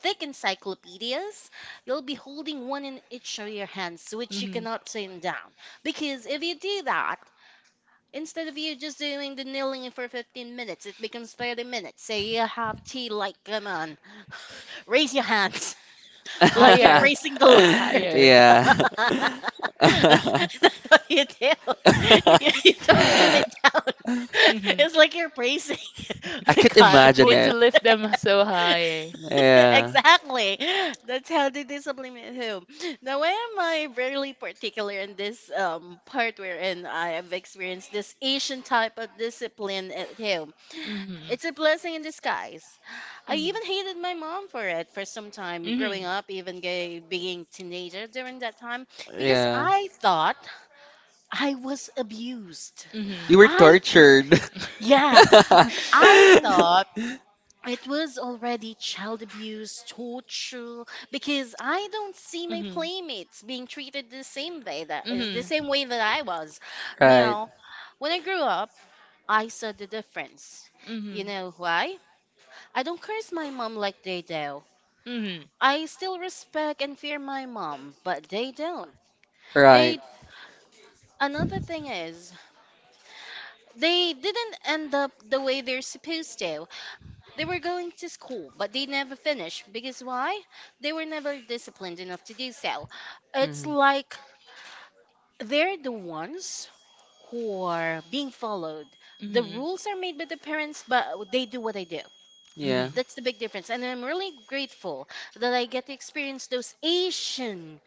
B: thick encyclopedias, you'll be holding one in each of your hands, which you
A: Mhm.
B: cannot turn down. Because if you do that, instead of you just doing the kneeling for 15 minutes, it becomes 30 minutes. Say you have tea, like, come on, raise your hands, like you're
A: Higher,
B: praising the Lord.
A: higher.
C: Yeah.
B: That's what you do. You don't put it down.
A: Hmm.
B: It's like you're praising
C: I
B: the
C: could
B: God.
A: You
C: imagine
A: need
B: With-
A: to
C: it.
A: lift them so high.
C: Yeah.
B: exactly. That's how they discipline who. Now, why am I really particular in this part wherein I have experienced this Asian type of discipline at home?
A: Hmm.
B: It's a blessing in disguise. I
A: Hmm.
B: even hated my mom for it for some time growing up, even gay, being teenager during that time, because
C: Yeah.
B: I thought I was abused.
A: Hmm.
C: You were
A: Hmm.
B: I
C: tortured.
B: yeah, I thought it was already child abuse, torture, because I don't see my
A: Hmm.
B: playmates being treated the same way that
A: Mhm.
B: is the
A: Mhm.
B: same way that I was.
C: Right.
B: Now, when I grew up, I saw the difference. You
A: Mhm.
B: know why? I don't curse my mom like they do.
A: Mhm.
B: I still respect and fear my mom, but they don't.
C: Right.
B: They another thing is they didn't end up the way they're supposed to. They were going to school, but they never finished because why? They were never disciplined enough to do so. It's
C: Mhm.
B: like they're the ones who are being followed.
A: Mhm.
B: The
A: Mhm.
B: rules are made by the parents, but they do what they do.
C: Yeah.
B: That's the big difference. And I'm really grateful that I get to experience those Asian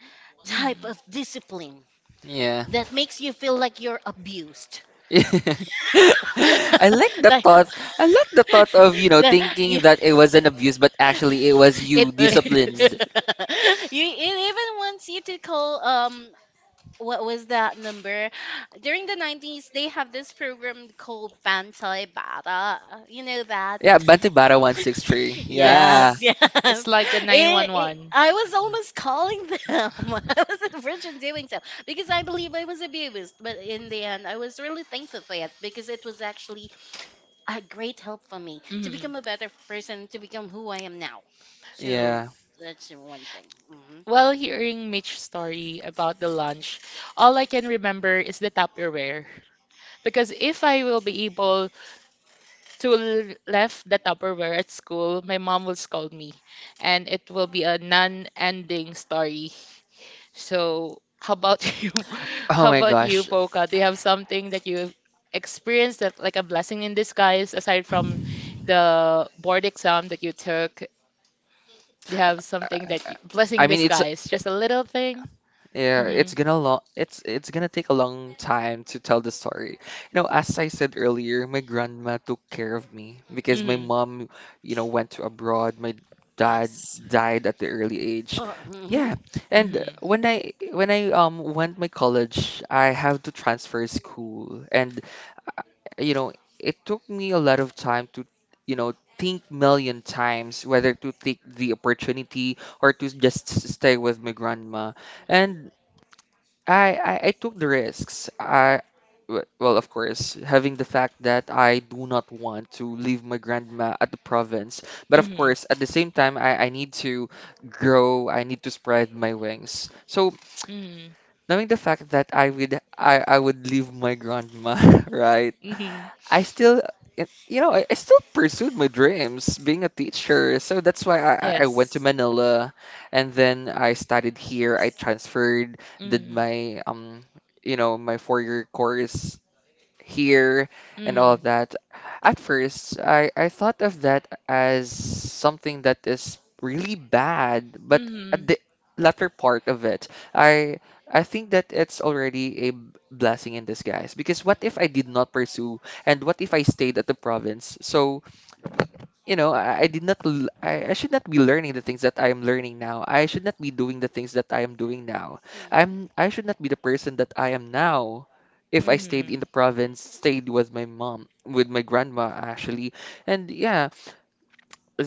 B: type of discipline
C: Yeah.
B: that makes you feel like you're abused.
C: I like the
B: Like,
C: thought. I like the thought of, you know,
B: that- you,
C: thinking that it was an abuse, but actually it was
A: It
C: you
B: you
C: disciplined.
A: is.
B: it even wants you to call what was that number? During the 90s, they have this program called Bantay Bata. You know that?
C: Yeah, Bantibara 163.
B: Yes,
C: Yeah.
A: Yes.
B: yes.
A: It's like a
B: It,
A: 911.
B: I was almost calling them. I was a virgin doing so because I believe I was abused. But in the end, I was really thankful for it because it was actually a great help for me to
A: Mhm.
B: become a better person, to become who I am now. So
C: Yeah.
B: that's the one thing. Hmm.
A: Well, hearing Mitch's story about the lunch, all I can remember is the Tupperware. Because if I will be able to left the Tupperware at school, my mom will scold me, and it will be a non-ending story. So, how about you?
C: Oh
A: How
C: my
A: about you,
C: gosh.
A: Poca? Do you have something that you experienced, that like a blessing in disguise, aside from the board exam that you took, you have something that, you, blessing
C: I
A: in
C: mean, it's,
A: disguise, just a little thing. Hmm.
C: yeah,
A: Hmm.
C: it's gonna take a long time to tell the story. You know, as I said earlier, my grandma took care of me because my mom, you know, went to abroad. My dad
B: Yes.
C: died at the early age.
B: Oh. Hmm.
C: Yeah,
B: Hmm.
C: and
A: Hmm.
C: when I went my college, I have to transfer school, and you know, it took me a lot of time to, you know, think million times whether to take the opportunity or to just stay with my grandma.
B: Hmm. Hmm.
C: And I took the risks. Well, of course, having the fact that I do not want to leave my grandma at the province, but of
A: Hmm.
C: course, at the same time, I need to grow. I need to spread my wings. So
A: Hmm.
C: knowing the fact that I would leave my grandma, right?
A: Hmm.
C: I still, you know, I still pursued my dreams, being a teacher. So that's why I went to
A: Yes.
C: Manila, and then I studied here. I transferred, did
A: Hmm.
C: my you know, my four-year course here and
A: Hmm.
C: all that. At first, I thought of that as something that is really bad, but at
A: Hmm.
C: the latter part of it, I I think that it's already a blessing in disguise. Because what if I did not pursue, and what if I stayed at the province? So you know, I did not, I should not be learning the things that I am learning now. I should not be doing the things that I am doing now. I should not be the person that I am now if I stayed
A: Hmm.
C: in the province, stayed with my mom, with my grandma actually. And yeah,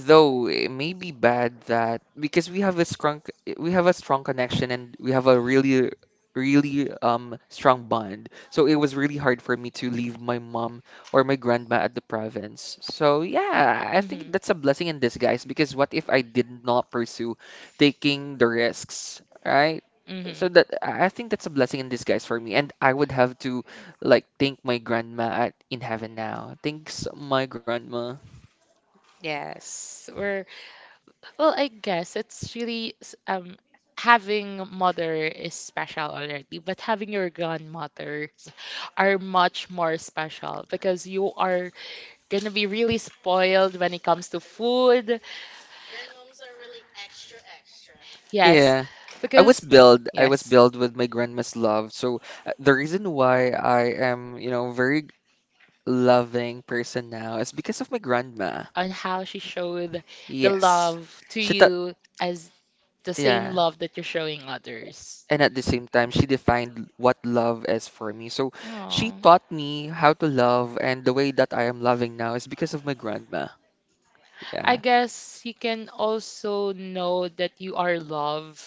C: though it may be bad that because we have a strong connection and we have a really really strong bond. So it was really hard for me to leave my mom or my grandma at the province. So yeah, I think
A: Mm-hmm.
C: that's a blessing in disguise because what if I did not pursue taking the risks, right?
A: Mm-hmm.
C: So that I think that's a blessing in disguise for me, and I would have to like thank my grandma at in heaven now. Thanks my grandma.
A: Yes, we're well. I guess it's really having a mother is special already, but having your grandmothers are much more special because you are gonna be really spoiled when it comes to food.
B: Grandmoms are really extra, extra.
A: Yes,
C: Yeah.
A: because
C: I was
A: yes,
C: built with my grandma's love. So the reason why I am, you know, very loving person now is because of my grandma.
A: on how she showed the
C: Yes.
A: love to
C: She taught,
A: you, as the same
C: yeah.
A: love that you're showing others.
C: And at the same time, she defined what love is for me. So she
A: Oh.
C: taught me how to love, and the way that I am loving now is because of my grandma.
A: I
C: Yeah.
B: Wow.
A: guess you can also know that you are loved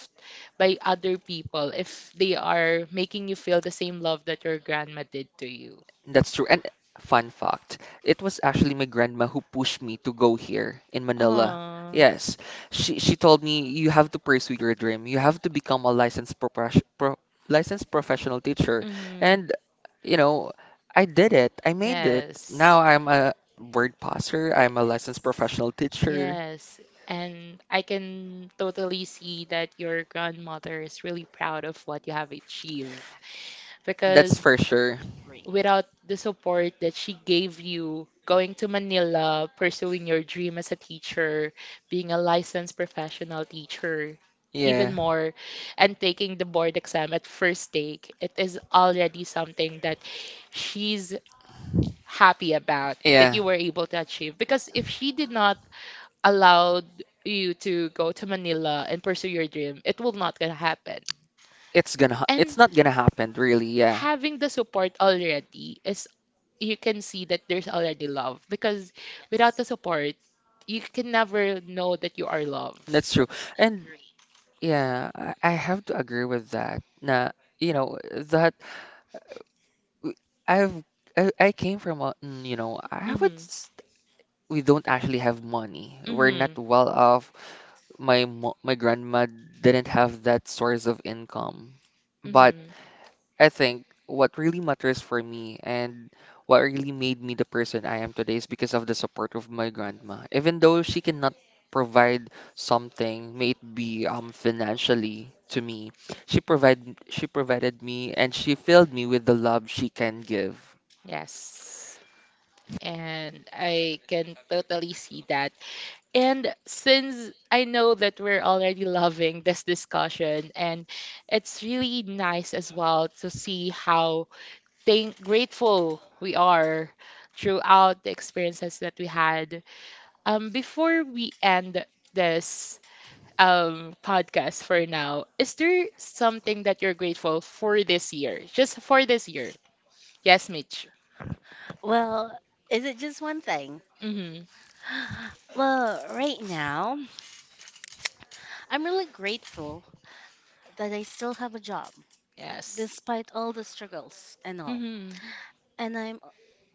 A: by other people if they are making you feel the same love that your grandma did to you.
C: That's true. And fun fact, it was actually my grandma who pushed me to go here in Manila.
A: Oh.
C: Yes, she told me you have to pursue your dream. You have to become a licensed professional teacher.
A: Mhm.
C: And you know, I did it. I made it.
A: Yes.
C: Now I'm a
A: Now a
C: word passer. I'm a licensed professional teacher.
A: yes. And I can totally see that your grandmother is really proud of what you have achieved.
B: Hmm.
A: Yes,
C: That's
A: because
C: for sure.
B: Agree.
A: without the support that she gave you going to Manila, pursuing your dream as a teacher, being a licensed professional teacher, yeah, even
C: Yeah.
A: yeah, more, and taking the board exam at first take, it is already something that she's happy about, that
C: Yeah.
A: you were able to achieve, because if she did not allow you to go to Manila and pursue your dream, it will not gonna happen. And
C: It's not gonna happen really. Yeah.
A: having the support already, is you can see that there's already love because without
B: Yes.
A: the support, you can never know that you are loved.
C: That's true. And
B: Agree.
C: yeah, I have to agree with that. Now, you know, that w- I've I came from a, mm, you know, I haven't
A: Mhm.
C: s- we don't actually have money. We're not
A: Mhm.
C: well off. My grandma didn't have that source of income. But
A: Mhm.
C: I think what really matters for me and what really made me the person I am today is because of the support of my grandma. Even though she cannot provide something, may it be financially to me, she provide she provided me and she filled me with the love she can give.
A: Yes. And I can totally see that. And since I know that we're already loving this discussion, and it's really nice as well to see how thank grateful we are throughout the experiences that we had. Before we end this podcast for now, is there something that you're grateful for this year? Just for this year? Yes, Mitch.
B: Well, is it just one thing?
A: Mm-hmm.
B: Well, right now, I'm really grateful that I still have a job,
A: Yes.
B: despite all the struggles and all.
A: Mm-hmm.
B: And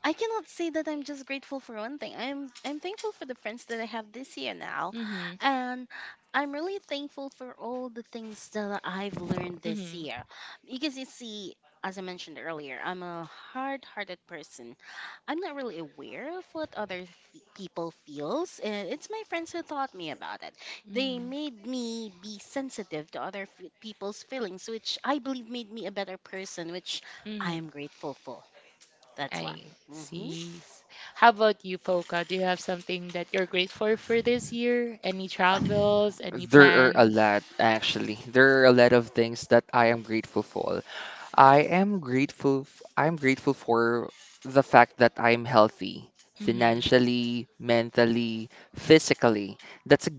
B: I cannot say that I'm just grateful for one thing. I'm thankful for the friends that I have this year now,
A: Mm-hmm.
B: and I'm really thankful for all the things that I've learned this
A: Mm-hmm.
B: year. Because you see, as I mentioned earlier, I'm a hard-hearted person. I'm not really aware of what other f- people feels, and it's my friends who taught me about it. They
A: Mm-hmm.
B: made me be sensitive to other f- people's feelings, which I believe made me a better person, which I
A: Mm-hmm.
B: am grateful for. That's what.
A: I
B: Mhm.
A: see. How about you, Foka? Do you have something that you're grateful for this year? Any travels? Any
C: There are a
A: planned?
C: lot, actually. There are a lot of things that I am grateful for. I am grateful. I'm grateful for the fact that I'm healthy
A: Mm-hmm.
C: financially, mentally, physically. That's a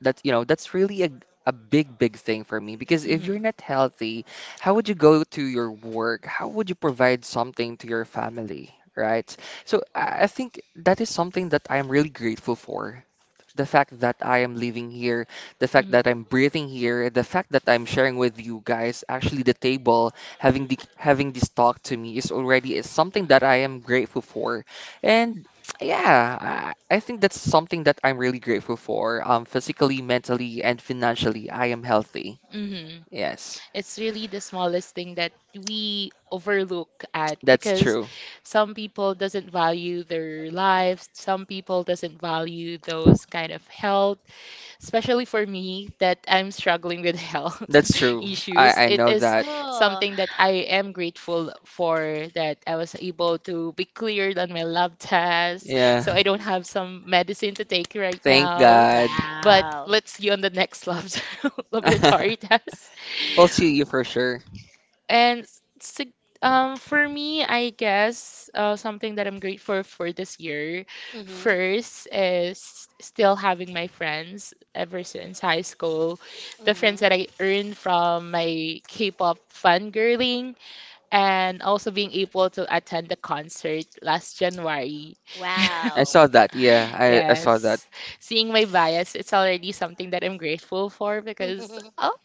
C: that's that's really a big, big thing for me, because if
A: Mm-hmm.
C: you're not healthy, how would you go to your work? How would you provide something to your family, right? So I think that is something that I'm really grateful for, the fact that I am living here, the fact that
A: Mm-hmm.
C: I'm breathing here, the fact that I'm sharing with you guys, actually the table, having this talk to me is already, is something that I am grateful for. And yeah, I think that's something that I'm really grateful for. Physically, mentally, and financially, I am healthy.
A: Hmm.
C: Yes,
A: It's really the smallest thing that we overlook at
C: that's
A: because
C: true.
A: some people doesn't value their lives, some people doesn't value those kind of health, especially for me that I'm struggling with health
C: That's true.
A: issues.
C: I
A: It
C: know
A: is
C: that.
B: Oh.
A: something that I am grateful for, that I was able to be cleared on my lab test.
C: Yeah,
A: So I don't
B: Mm.
A: have some medicine to take right
C: thank
A: now.
C: God.
A: But
B: Wow.
A: let's see on the next lab
B: Mhm.
A: laboratory test.
C: We'll
B: Mhm.
C: see you for sure.
A: And for me, I guess something that I'm grateful for this year
B: Mhm.
A: first is still having my friends ever since high school. The friends
B: Mhm.
A: that I earned from my K-pop fangirling, and also being able to attend the concert last January.
C: I
B: Wow.
C: saw that. Yeah, I saw that.
A: Yes. Seeing my bias, it's already something that I'm grateful for because, oh,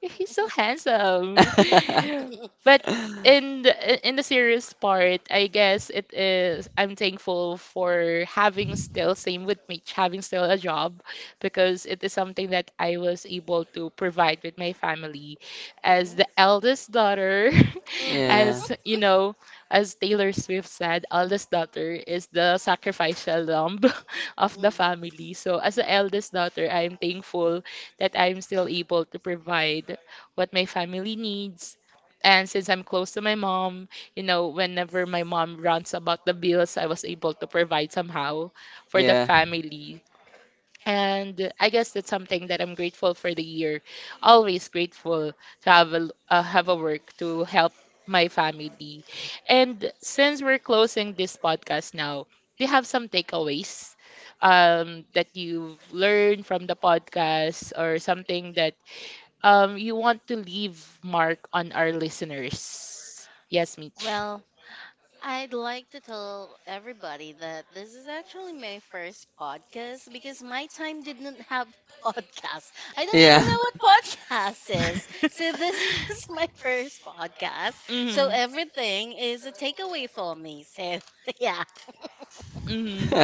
A: he's so handsome. But in the serious part, I guess it is I'm thankful for having still same with Mitch, having still a job because it is something that I was able to provide with my family as
B: Mhm.
A: the eldest daughter,
C: Yeah,
A: as you know, as Taylor Swift said, eldest daughter is the sacrificial lamb of the
B: Mhm.
A: family. So as the eldest daughter, I'm thankful that I'm still able to provide what my family needs. And since I'm close to my mom, whenever my mom runs about the bills, I was able to provide somehow for the
C: yeah,
A: family. And I guess that's something that I'm grateful for the year. Always grateful to have a work to help my family. And since we're closing this podcast now, do you have some takeaways that you've learned from the podcast, or something that you want to leave mark on our listeners? Yes, Mitch.
B: Well, I'd like to tell everybody that this is actually my first podcast because my time didn't have podcasts. I don't even
C: yeah.
B: know what podcast is. So this is my first podcast. So
A: Hmm.
B: everything is a takeaway for me. So yeah.
A: Hmm.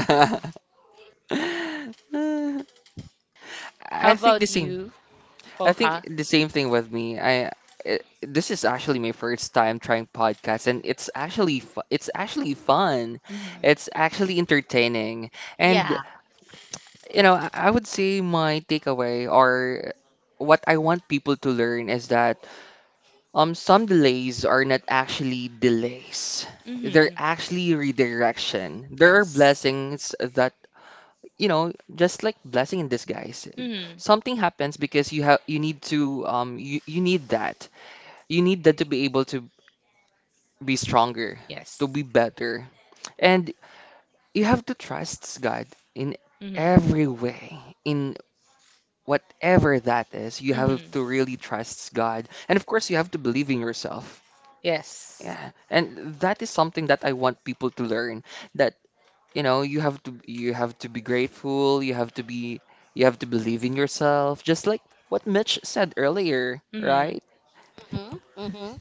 A: How
C: I think the
A: about
C: same.
A: you,
C: I think
A: Polka?
C: the same thing with me. I, this is actually my first time trying podcasts, and it's actually it's actually fun.
A: Hmm.
C: It's actually entertaining, and
B: Yeah.
C: I would say my takeaway, or what I want people to learn, is that some delays are not actually delays. They're
A: Hmm.
C: actually redirection. There are
A: Yes.
C: blessings that, just like blessing in disguise.
A: Hmm.
C: Something happens because you need to you need that. You need that to be able to be stronger,
A: Yes.
C: to be better. And you have to trust God in
A: Mhm.
C: every way, in whatever that is, you have
A: Mhm.
C: to really trust God. And of course, you have to believe in yourself.
A: Yes.
C: Yeah. And that is something that I want people to learn, that, you have to be grateful, you have to believe in yourself, just like what Mitch said earlier,
A: Mhm.
C: right?
B: Mhm. Mhm.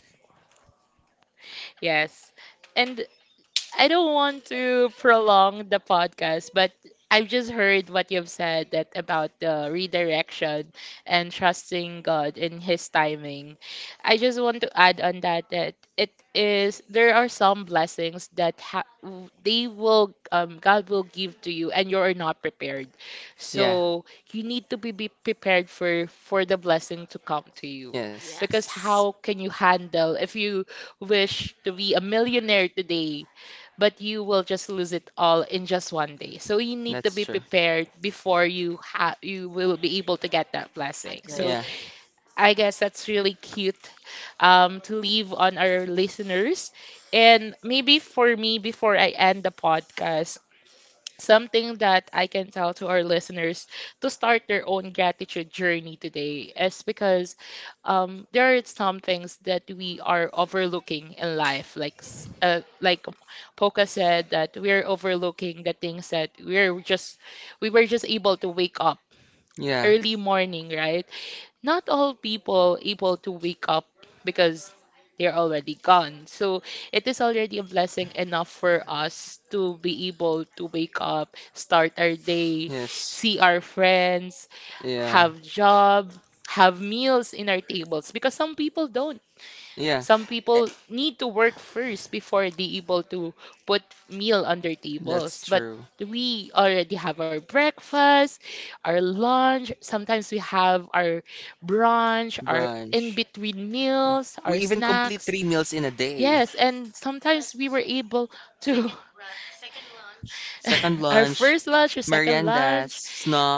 A: Yes. And I don't want to prolong the podcast, but I've just heard what you've said that about the redirection and trusting God in His timing. I just want to add on that that it is there are some blessings that they will God will give to you, and you're not prepared.
C: Yeah.
A: So you need to be prepared for the blessing to come to you,
C: Yes.
A: because
B: Yes.
A: how can you handle if you wish to be a millionaire today but you will just lose it all in just one
B: Mhm.
A: day. So you need to
C: That's
A: be
C: true.
A: prepared before you will be able to get that blessing. So
B: Agree.
C: Yeah.
A: I guess that's really cute to leave on our listeners. And maybe for me, before I end the podcast, something that I can tell to our listeners to start their own gratitude journey today is because there are some things that we are overlooking in life. Like like Poca said, that we're overlooking the things that we were just able to wake up
C: Yeah.
A: early morning, right? Not all people able to wake up because they're already gone. So it is already a blessing enough for us to be able to wake up, start our day,
C: Yes.
A: see our friends,
C: Yeah.
A: have job, have meals in our tables because some people don't.
C: Yeah.
A: Some
C: Eh,
A: people need to work first before they able to put meal on their
C: that's
A: tables. But
C: true.
A: we already have our breakfast, our lunch, sometimes we have our brunch, our
C: Brunch.
A: in-between meals,
C: We
A: our
C: even complete
A: snacks.
C: three meals in a day.
A: Yes, and sometimes we were able to
C: Second
A: our
C: lunch,
A: first lunch, our second
C: meriendas,
A: lunch,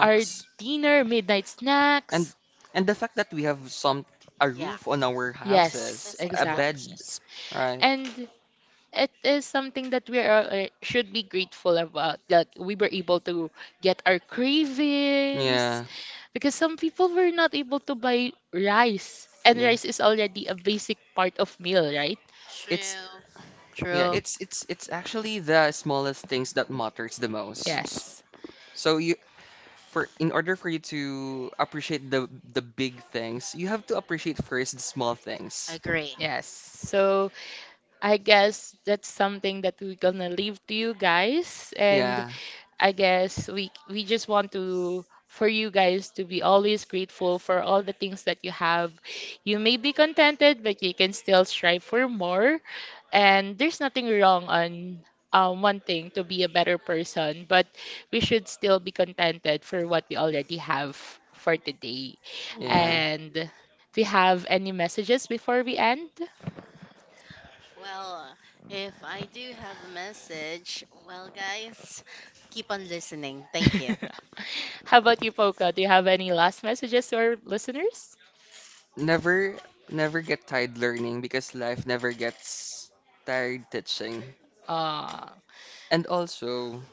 A: our dinner, midnight
C: and
A: snacks.
C: and the fact that we have some, a
B: Yeah.
C: roof on our
B: I like the
C: houses,
A: Yes,
C: a
B: second
A: exactly.
C: bed,
B: lunches.
C: right?
A: And. It is something that should be grateful about, that we were able to get our cravings
C: Yeah,
A: because some people were not able to buy rice, and
C: yeah.
A: rice is already a basic part of meal, right?
C: It's
B: True.
C: yeah,
B: True.
C: it's it's actually the smallest things that matters the most.
A: Yes.
C: So you, for in order for you to appreciate the big things, you have to appreciate first the small things.
B: Agree.
A: Yes, so I guess that's something that we're gonna leave to you guys. And
C: Yeah,
A: I guess we just want to, for you guys to be always grateful for all the things that you have. You may be contented, but you can still strive for more. And there's nothing wrong on wanting to be a better person, but we should still be contented for what we already have for today.
B: Mhm.
C: yeah.
A: And do you have any messages before we end?
B: Well, if I do have a message, well, guys, keep on listening. Thank you.
A: How about you, Poca? Do you have any last messages to our listeners?
C: Never, never get tired learning, because life never gets tired teaching.
A: Uh
C: And also,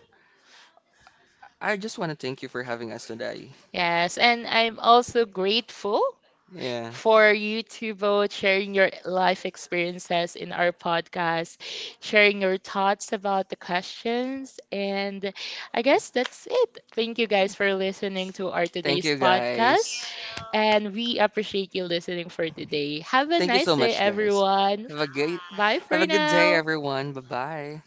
C: I just want to thank you for having us today.
A: Yes, and I'm also grateful
C: Yeah.
A: for you two both sharing your life experiences in our podcast, sharing your thoughts about the questions. And I guess that's it. Thank you guys for listening to our
C: Thank
A: today's
C: you
A: podcast.
C: guys.
A: And we appreciate you listening for today. Have a
C: Thank you
A: nice
C: so
A: day,
C: much guys.
A: everyone.
C: Have a great
A: Bye
C: have a
A: for
C: good day
A: now.
C: everyone. Bye-bye.